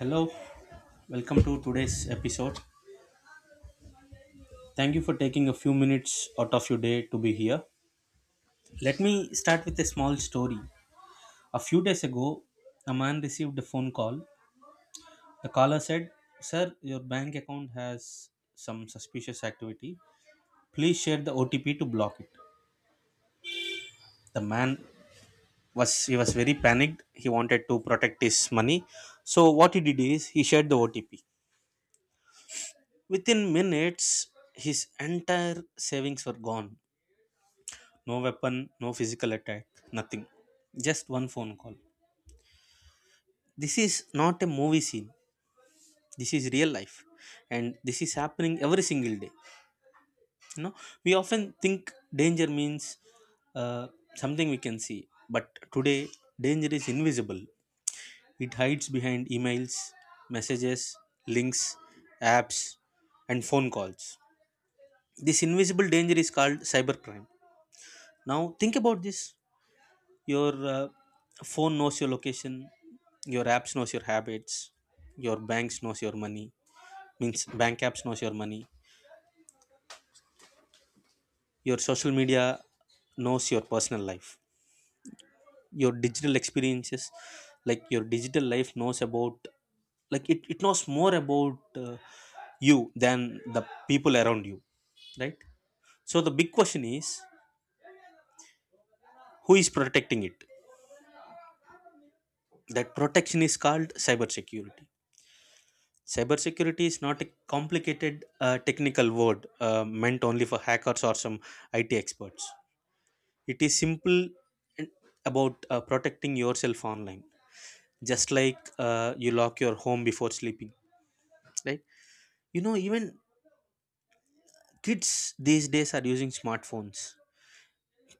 Hello, welcome to today's episode. Thank you for taking a few minutes out of your day to be here. Let me start with a small story. A few days ago, a man received a phone call. The caller said, Sir, your bank account has some suspicious activity. Please share the OTP to block it. The man was very panicked. He wanted to protect his money. So what he did is he shared the OTP. Within minutes, his entire savings were gone. No weapon, no physical attack, nothing. Just one phone call. This is not a movie scene. This is real life. And this is happening every single day. You know, we often think danger means uh, something we can see. But today, danger is invisible. It hides behind emails, messages, links, apps, and phone calls. This invisible danger is called cybercrime. Now, think about this, your phone knows your location, your apps knows your habits, your banks knows your money, means bank apps knows your money, your social media knows your personal life, your digital experiences, like your digital life knows about, like it knows more about you than the people around you, right? So the big question is, who is protecting it? That protection is called cybersecurity. Cybersecurity is not a complicated technical word meant only for hackers or some IT experts. It is simple and about protecting yourself online, just like you lock your home before sleeping, right? You know, even kids these days are using smartphones.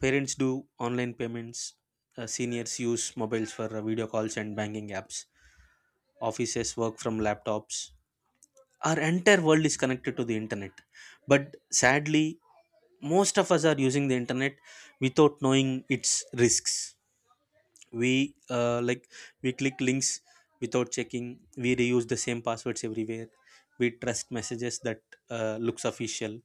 Parents do online payments. Seniors use mobiles for video calls and banking apps. Offices work from laptops. Our entire world is connected to the internet, but sadly most of us are using the internet without knowing its risks. We uh, like we click links without checking. We reuse the same passwords everywhere. We trust messages that looks official.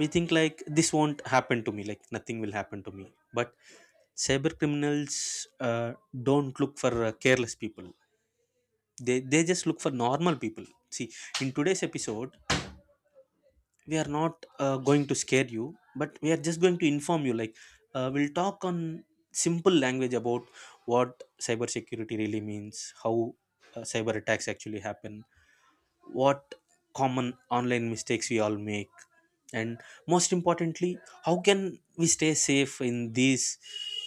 We think like this won't happen to me, like nothing will happen to me. But cyber criminals don't look for careless people. They just look for normal people. See, in today's episode we are not going to scare you, but we are just going to inform you. Like, we'll talk on simple language about what cybersecurity really means, how cyber attacks actually happen, what common online mistakes we all make, and most importantly, how can we stay safe in these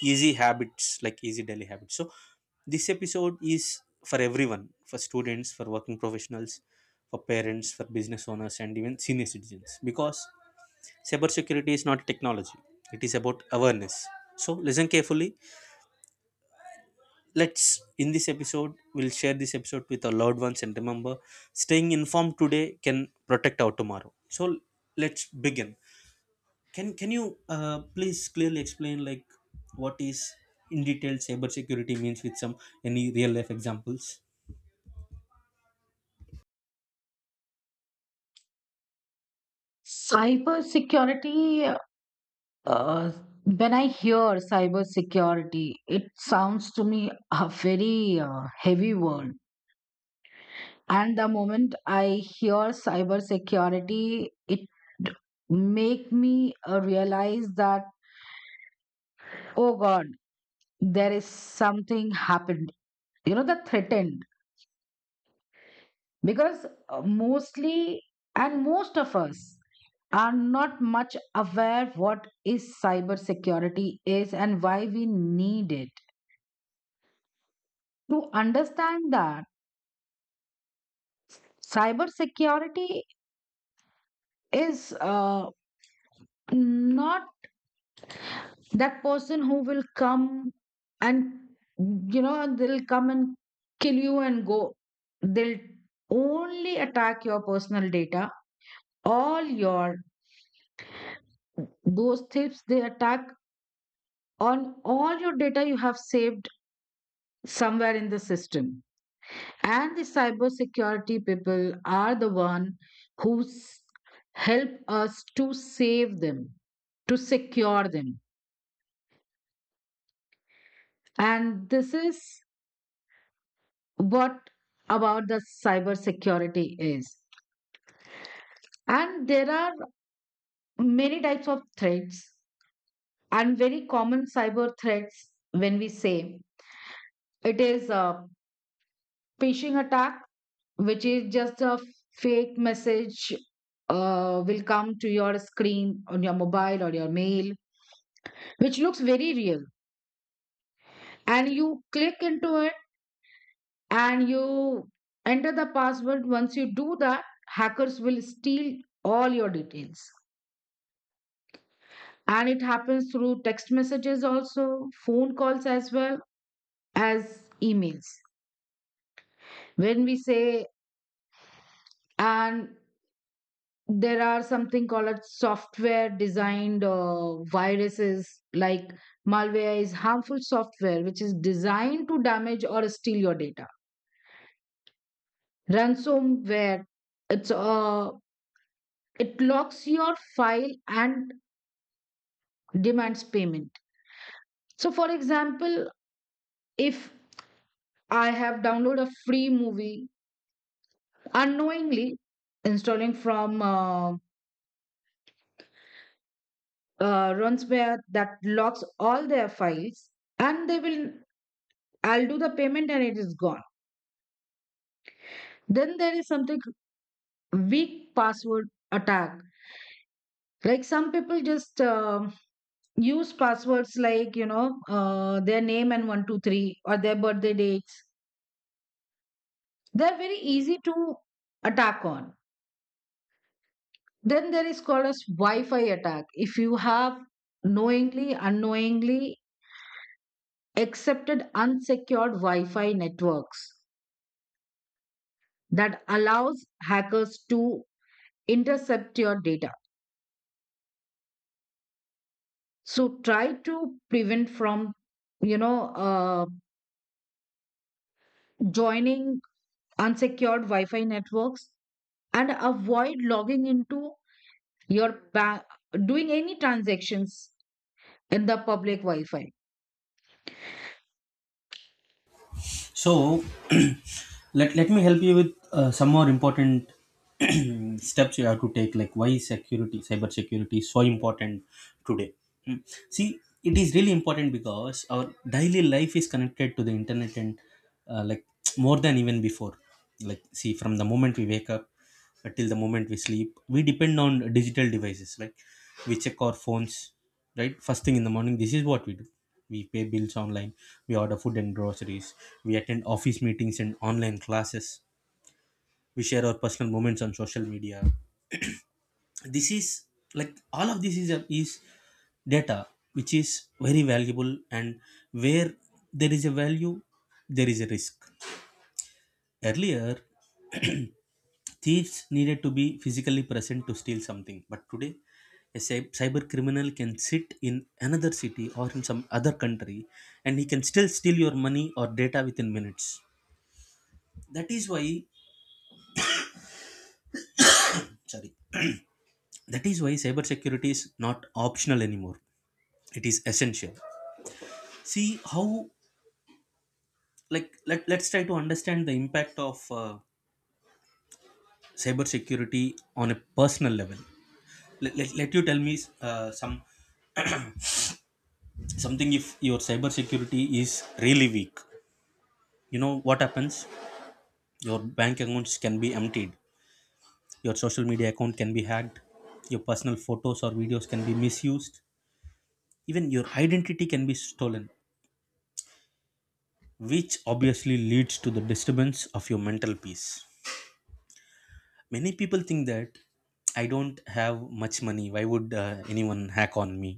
easy habits, like easy daily habits. So this episode is for everyone, for students, for working professionals, for parents, for business owners, and even senior citizens, because cybersecurity is not technology, it is about awareness. So listen carefully. Let's, in this episode, we'll share this episode with our loved ones, and remember, staying informed today can protect our tomorrow. So let's begin. Can you please clearly explain, like, what is in detail cybersecurity means, with some, any real life examples? Cybersecurity, uh, when I hear cybersecurity, it sounds to me a very heavy word. And the moment I hear cybersecurity, it make me realize that, oh God, there is something happened. The threat. Because mostly and most of us are not much aware what is cybersecurity is and why we need it. To understand that cybersecurity is not that person who will come and they'll come and kill you and go. They'll only attack your personal data, all your those tips they attack on all your data you have saved somewhere in the system, and the cybersecurity people are the one who help us to save them, to secure them. And this is what about the cybersecurity is. And there are many types of threats, and very common cyber threats when we say, it is a phishing attack, which is just a fake message will come to your screen on your mobile or your mail, which looks very real. And you click into it and you enter the password. Once you do that, hackers will steal all your details. And it happens through text messages also, phone calls as well as emails. When we say, and there are something called as software designed viruses like malware is harmful software which is designed to damage or steal your data. Ransomware, it's uh, it locks your file and demands payment. So for example, if I have downloaded a free movie unknowingly, installing from ransomware that locks all their files and they will, I'll do the payment and it is gone. Then there is something, weak password attack. Like some people just use passwords like, their name and 123 or their birthday dates. They're very easy to attack on. Then there is called as Wi Fi attack. If you have knowingly, unknowingly accepted unsecured Wi Fi networks that allows hackers to intercept your data. So try to prevent from you know uh, joining unsecured wi-fi networks, and avoid logging into your bank, doing any transactions in the public wi-fi. So let me help you with some more important steps you have to take, like why security, cyber security, is so important today. Mm. See, it is really important because our daily life is connected to the internet and uh, like more than even before. Like, see, from the moment we wake up till the moment we sleep, we depend on digital devices. Like, we check our phones, right, first thing in the morning, this is what we do. We pay bills online, we order food and groceries, we attend office meetings and online classes, we share our personal moments on social media. This is, like, all of this is data which is very valuable, and where there is a value, there is a risk. Earlier, thieves needed to be physically present to steal something, but today a cyber criminal can sit in another city or in some other country, and he can still steal your money or data within minutes. That is why, sorry, that is why cybersecurity is not optional anymore. It is essential. See how, like, let, let's try to understand the impact of cybersecurity on a personal level. Let, let, let you tell me something. If your cybersecurity is really weak, you know what happens? Your bank accounts can be emptied, your social media account can be hacked, your personal photos or videos can be misused, even your identity can be stolen, which obviously leads to the disturbance of your mental peace. Many people think that I don't have much money, why would anyone hack on me?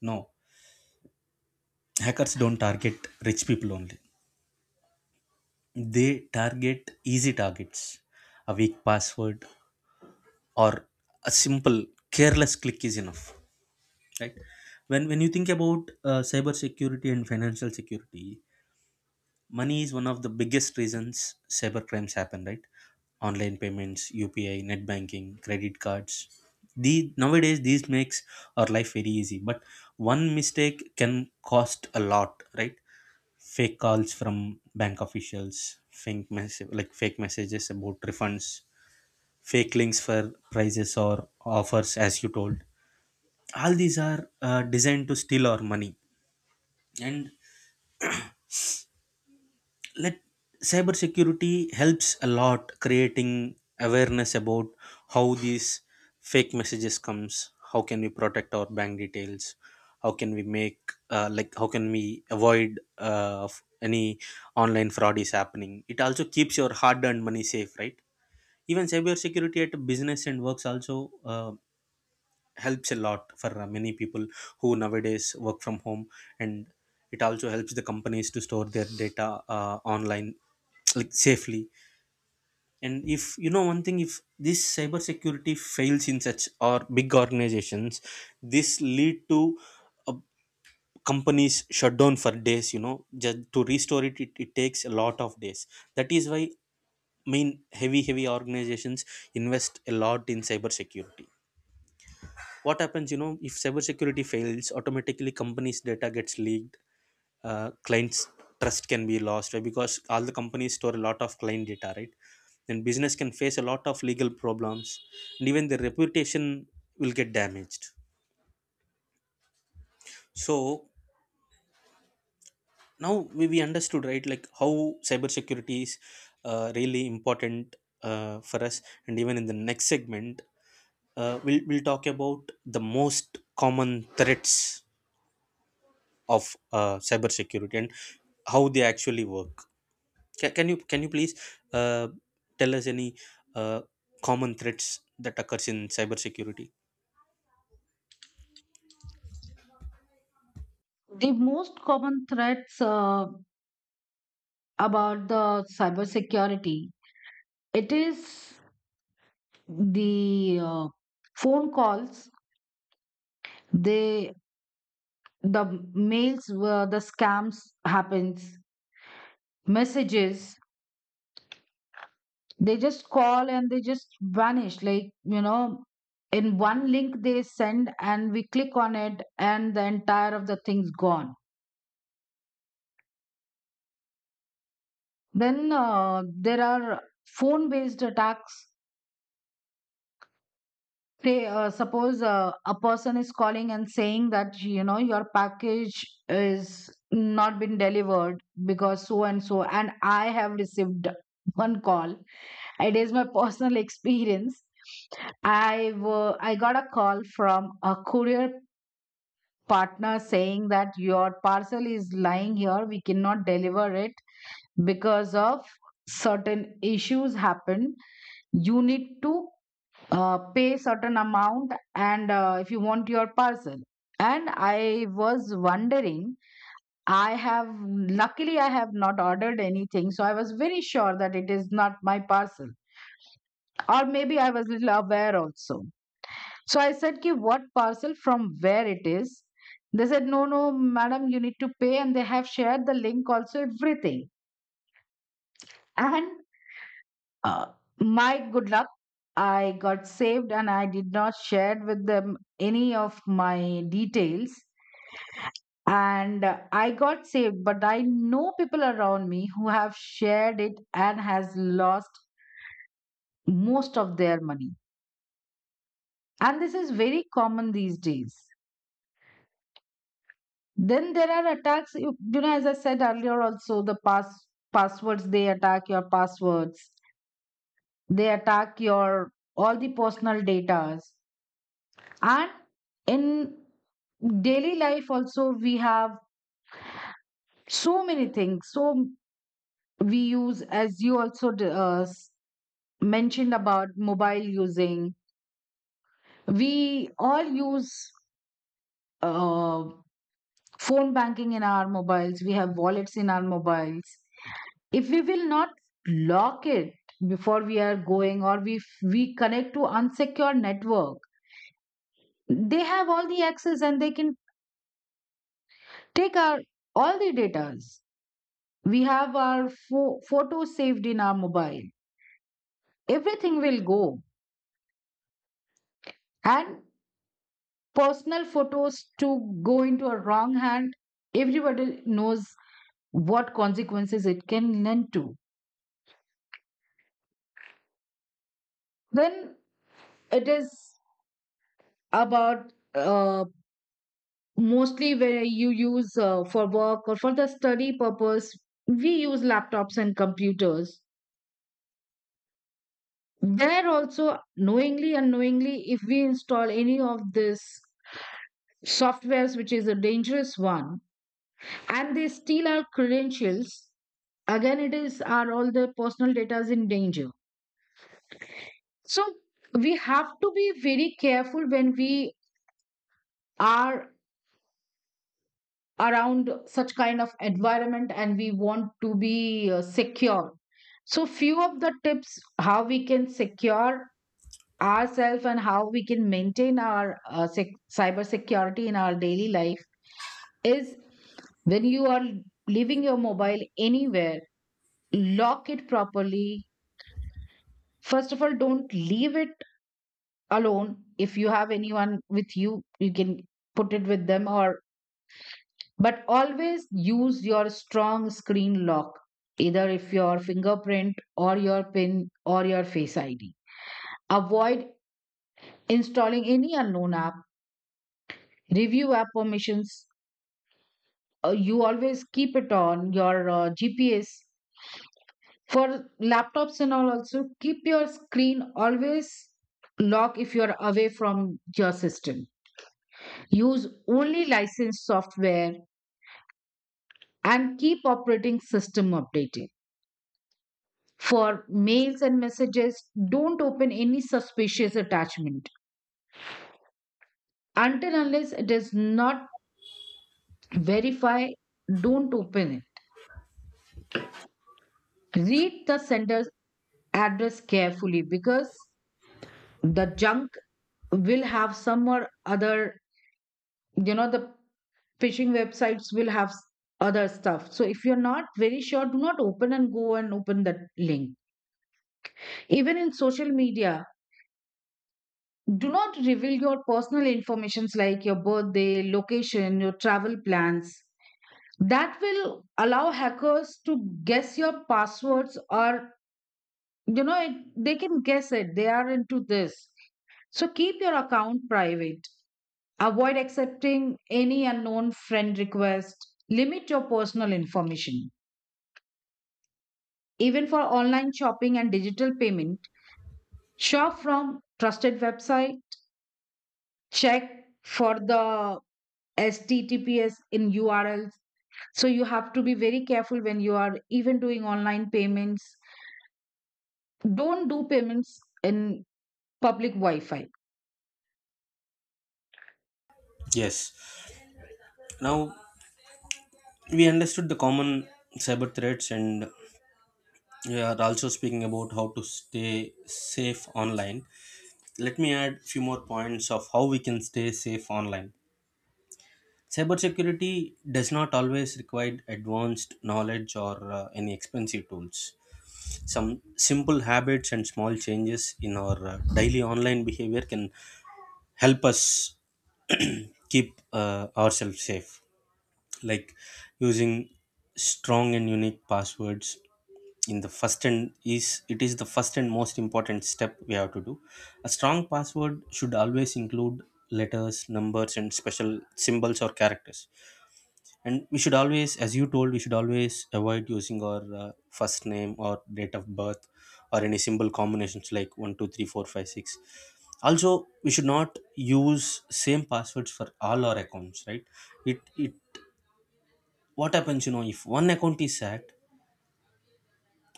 No, hackers don't target rich people only. They target easy targets. A weak password or a simple careless click is enough, right? When you think about cyber security and financial security, money is one of the biggest reasons cyber crimes happen, right? Online payments, UPI, net banking, credit cards, the nowadays these makes our life very easy, but one mistake can cost a lot, right? Fake calls from bank officials, fake messages about refunds, fake links for prices or offers, as you told, all these are designed to steal our money. And let, cybersecurity helps a lot creating awareness about how these fake messages comes, how can we protect our bank details, how can we make, how can we avoid of any online fraud is happening. It also keeps your hard earned money safe, right? Even cybersecurity at business and works also helps a lot for many people who nowadays work from home. And it also helps the companies to store their data online like safely. And if you know one thing, if this cybersecurity fails in such or big organizations, this lead to uh, companies shut down for days, you know, just to restore it takes a lot of days. That is why main heavy organizations invest a lot in cybersecurity. What happens, you know, if cybersecurity fails, automatically companies data gets leaked, clients trust can be lost, right? Because all the companies store a lot of client data, right? Then business can face a lot of legal problems, and even their reputation will get damaged. So now we understood, right, like how cybersecurity is really important for us. And even in the next segment, we'll talk about the most common threats of cybersecurity and how they actually work. Can you please uh, tell us any uh, common threats that occurs in cybersecurity? The most common threats about the cybersecurity, it is the phone calls, they, the mails where the scams happens, messages. They just call and they just vanish. Like, you know, in one link they send and we click on it and the entire of the thing's gone. Then there are phone based attacks. Say, suppose a person is calling and saying that, you know, your package is not been delivered because so and so. And I have received one call. It is my personal experience. I got a call from a courier partner saying that your parcel is lying here, we cannot deliver it because of certain issues happen. You need to pay certain amount and if you want your parcel. And I was wondering, I have, luckily I have not ordered anything, so I was very sure that it is not my parcel. Or maybe I was little aware also. So I said, Ki, what parcel from where it is? They said, no, no, madam, you need to pay. And they have shared the link also, everything. And uh, my good luck, I got saved and I did not share with them any of my details. And I got saved, but I know people around me who have shared it and has lost most of their money. And this is very common these days. Then there are attacks, you know, as I said earlier, also the passwords, they attack your passwords, they attack your all the personal data. And in daily life, also, we have so many things. So we use, as you also mentioned about mobile using, we all use uh, phone banking in our mobiles, we have wallets in our mobiles. If we will not lock it before we are going, or we connect to unsecure network, they have all the access and they can take our all the data. We have our photos saved in our mobile, everything will go. And personal photos to go into a wrong hand, everybody knows what consequences it can lend to. Then it is about mostly where you use for work or for the study purpose, we use laptops and computers. There also, knowingly unknowingly, if we install any of this softwares which is a dangerous one, and they steal our credentials, again it is our, all the personal data is in danger. So we have to be very careful when we are around such kind of environment and we want to be secure. So few of the tips how we can secure ourselves and how we can maintain our cyber security in our daily life is, when you are leaving your mobile anywhere, lock it properly. First of all, don't leave it alone. If you have anyone with you, you can put it with them. Or but always use your strong screen lock, either if your fingerprint or your PIN or your Face ID. Avoid installing any unknown app. Review app permissions. You always keep it on your GPS. For laptops and all, also keep your screen always lock if you're away from your system. Use only licensed software and keep operating system updated. For mails and messages, don't open any suspicious attachment. Until unless it is not verified, don't open it. Read the sender's address carefully because the junk will have some or other, you know, the phishing websites will have other stuff. So if you're not very sure, do not open and go and open that link. Even in social media, do not reveal your personal informations like your birthday, location, your travel plans. That will allow hackers to guess your passwords or, you know it, they can guess it. They are into this. So keep your account private. Avoid accepting any unknown friend request. Limit your personal information. Even for online shopping and digital payment, shop from trusted website. Check for the HTTPS in URLs. So you have to be very careful when you are even doing online payments. Don't do payments in public Wi Fi. Yes. Now we understood the common cyber threats, and we are also speaking about how to stay safe online. Let me add few more points of how we can stay safe online. Cybersecurity does not always require advanced knowledge or any expensive tools. Some simple habits and small changes in our daily online behavior can help us keep ourselves safe, like using strong and unique passwords. In the first and is, it is the first and most important step we have to do. A strong password should always include letters, numbers, and special symbols or characters. And we should always, as you told, we should always avoid using our first name or date of birth or any symbol combinations like 123456. Also, we should not use same passwords for all our accounts, right? It what happens, you know, if one account is hacked,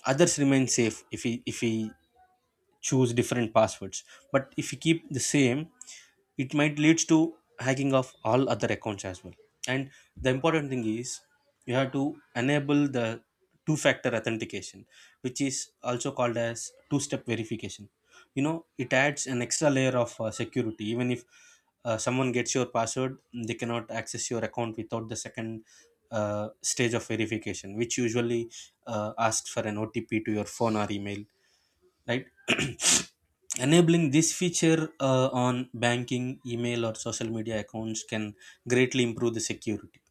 others remain safe if we choose different passwords. But if we keep the same, it might leads to hacking of all other accounts as well. And the important thing is, you have to enable the two factor authentication, which is also called as two step verification. You know, it adds an extra layer of security. Even if someone gets your password, they cannot access your account without the second stage of verification, which usually asks for an OTP to your phone or email, right? Enabling this feature on banking, email, or social media accounts can greatly improve the security,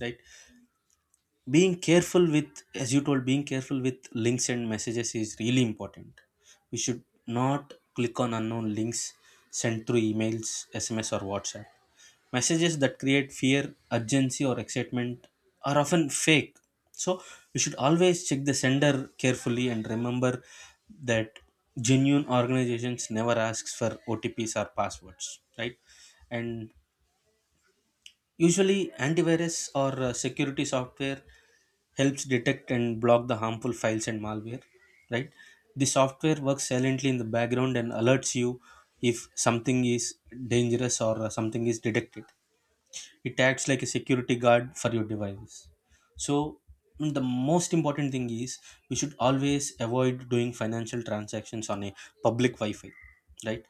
right? Being careful with, as you told, being careful with links and messages is really important. We should not click on unknown links sent through emails, SMS, or WhatsApp. Messages that create fear, urgency, or excitement are often fake. So we should always check the sender carefully, and remember that genuine organizations never asks for OTPs or passwords, right? And usually, antivirus or security software helps detect and block the harmful files and malware, right? The software works silently in the background and alerts you if something is dangerous or something is detected. It acts like a security guard for your devices. So, mm, the most important thing is we should always avoid doing financial transactions on a public Wi Fi, right?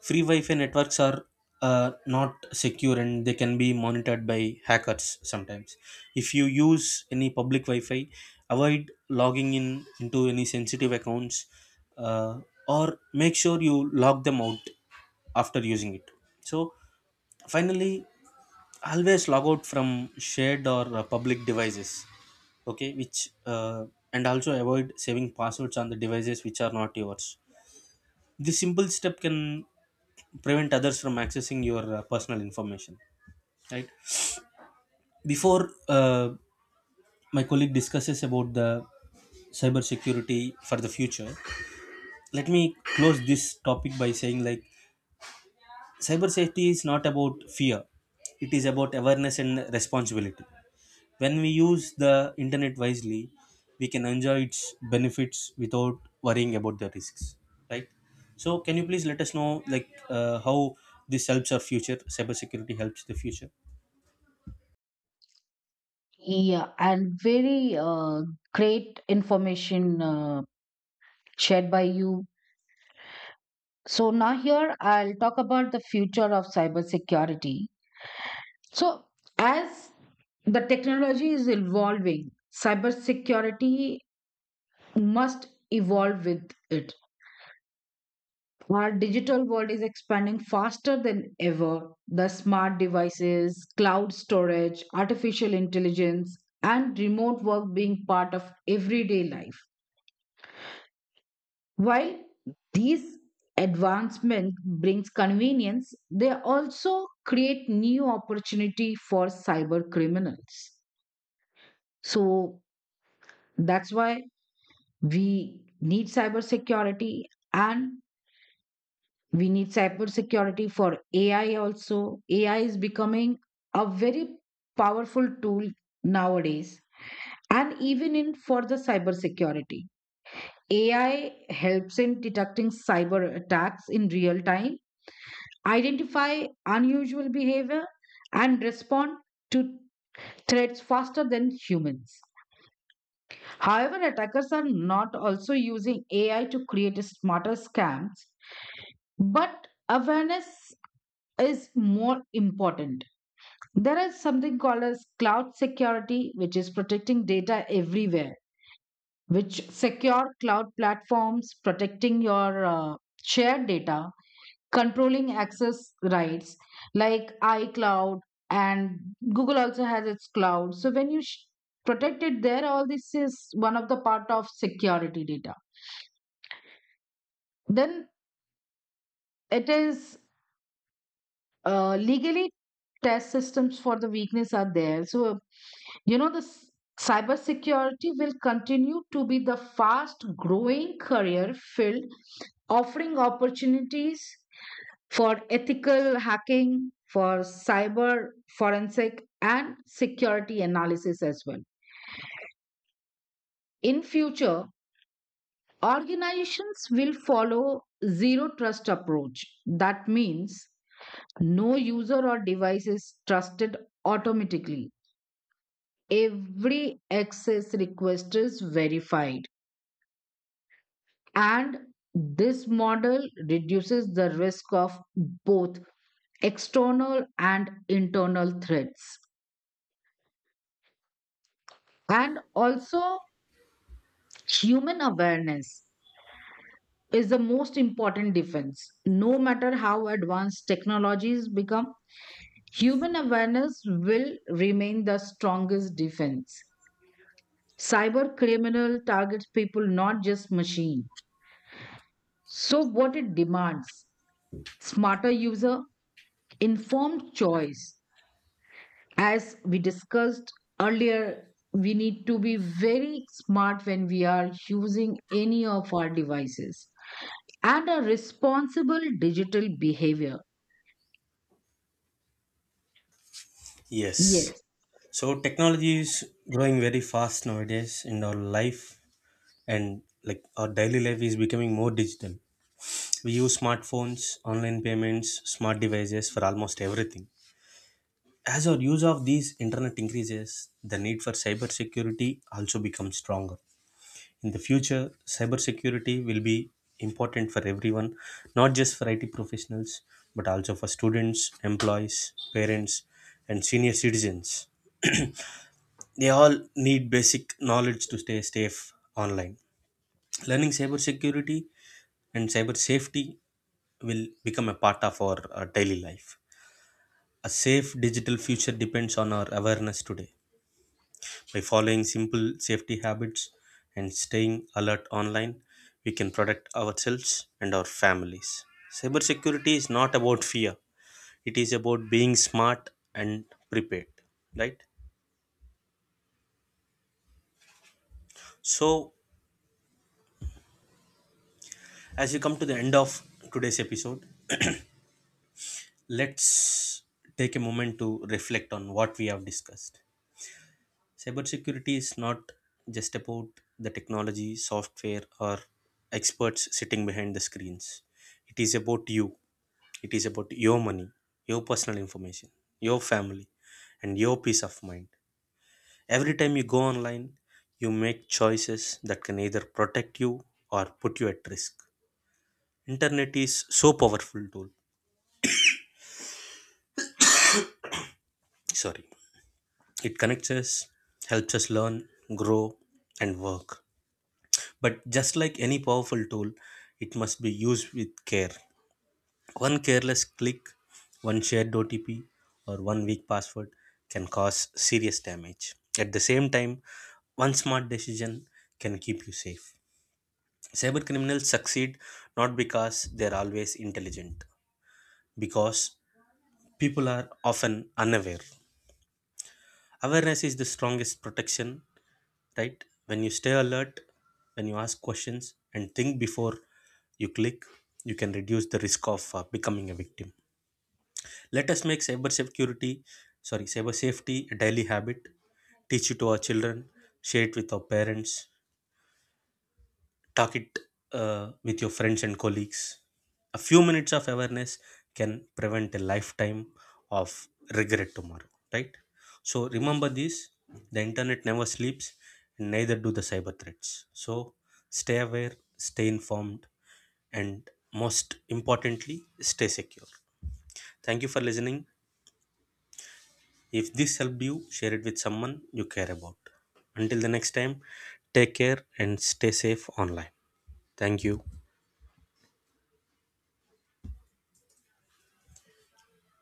Free Wi-Fi networks are not secure, and they can be monitored by hackers sometimes. If you use any public Wi-Fi, avoid logging in into any sensitive accounts, uh, or make sure you log them out after using it. So finally, always log out from shared or public devices. Okay, which and also avoid saving passwords on the devices which are not yours. This simple step can prevent others from accessing your personal information, right? Before my colleague discusses about the cybersecurity for the future, let me close this topic by saying like, cyber safety is not about fear, it is about awareness and responsibility. When we use the internet wisely, we can enjoy its benefits without worrying about the risks, right? So can you please let us know like, how this helps our future cybersecurity, helps the future? Yeah, and very great information shared by you. So now here I'll talk about the future of cybersecurity. So, as the technology is evolving, cybersecurity must evolve with it. Our digital world is expanding faster than ever. The smart devices, cloud storage, artificial intelligence, and remote work being part of everyday life. While these advancements brings convenience, they also create new opportunity for cyber criminals. So that's why we need cybersecurity. And We need cybersecurity for AI also. AI is becoming a very powerful tool nowadays, and even in for the cybersecurity. AI helps in detecting cyber attacks in real time, identify unusual behavior, and respond to threats faster than humans. However, attackers are not also using AI to create smarter scams, but awareness is more important. There is something called as cloud security, which is protecting data everywhere, which secure cloud platforms, protecting your shared data, controlling access rights like iCloud and Google also has its cloud. So when you protect it there, all this is one of the part of security data. Then it is legally test systems for the weakness are there. So you know the cybersecurity will continue to be the fast growing career field, offering opportunities for ethical hacking, for cyber forensic and security analysis as well. In future, organizations will follow zero trust approach, that means no user or device is trusted automatically, every access request is verified. And this model reduces the risk of both external and internal threats. And also, human awareness is the most important defense. No matter how advanced technologies become, human awareness will remain the strongest defense. Cyber criminal targets people, not just machine. So, what it demands, smarter user, informed choice. As we discussed earlier, we need to be very smart when we are using any of our devices and a responsible digital behavior. Yes, Yes, so technology is growing very fast nowadays in our life, and like our daily life is becoming more digital. We use smartphones, online payments, smart devices for almost everything. As our use of these internet increases, the need for cybersecurity also becomes stronger. In the future, cybersecurity will be important for everyone, not just for IT professionals, but also for students, employees, parents, and senior citizens. They all need basic knowledge to stay safe online. Learning cybersecurity and cyber safety will become a part of our daily life. A safe digital future depends on our awareness today. By following simple safety habits and staying alert online, we can protect ourselves and our families. Cybersecurity is not about fear, it is about being smart and prepared, right? So, as we come to the end of today's episode, let's take a moment to reflect on what we have discussed. Cybersecurity is not just about the technology, software, or experts sitting behind the screens. It is about you. It is about your money, your personal information, your family, and your peace of mind. Every time you go online, you make choices that can either protect you or put you at risk. Internet is so powerful tool. Sorry. It connects us, helps us learn, grow, and work. But just like any powerful tool, it must be used with care. One careless click, one shared OTP, or one weak password can cause serious damage. At the same time, one smart decision can keep you safe. Cyber criminals succeed not because they're always intelligent, because people are often unaware. Awareness is the strongest protection, right? When you stay alert, when you ask questions and think before you click, you can reduce the risk of becoming a victim. Let us make cyber security, sorry, cyber safety a daily habit. Teach it to our children, share it with our parents, talk it with your friends and colleagues. A few minutes of awareness can prevent a lifetime of regret tomorrow, right? So remember this: the internet never sleeps, and neither do the cyber threats. So stay aware, stay informed, and most importantly, stay secure. Thank you for listening. If this helped you, share it with someone you care about. Until the next time, take care and stay safe online. Thank you.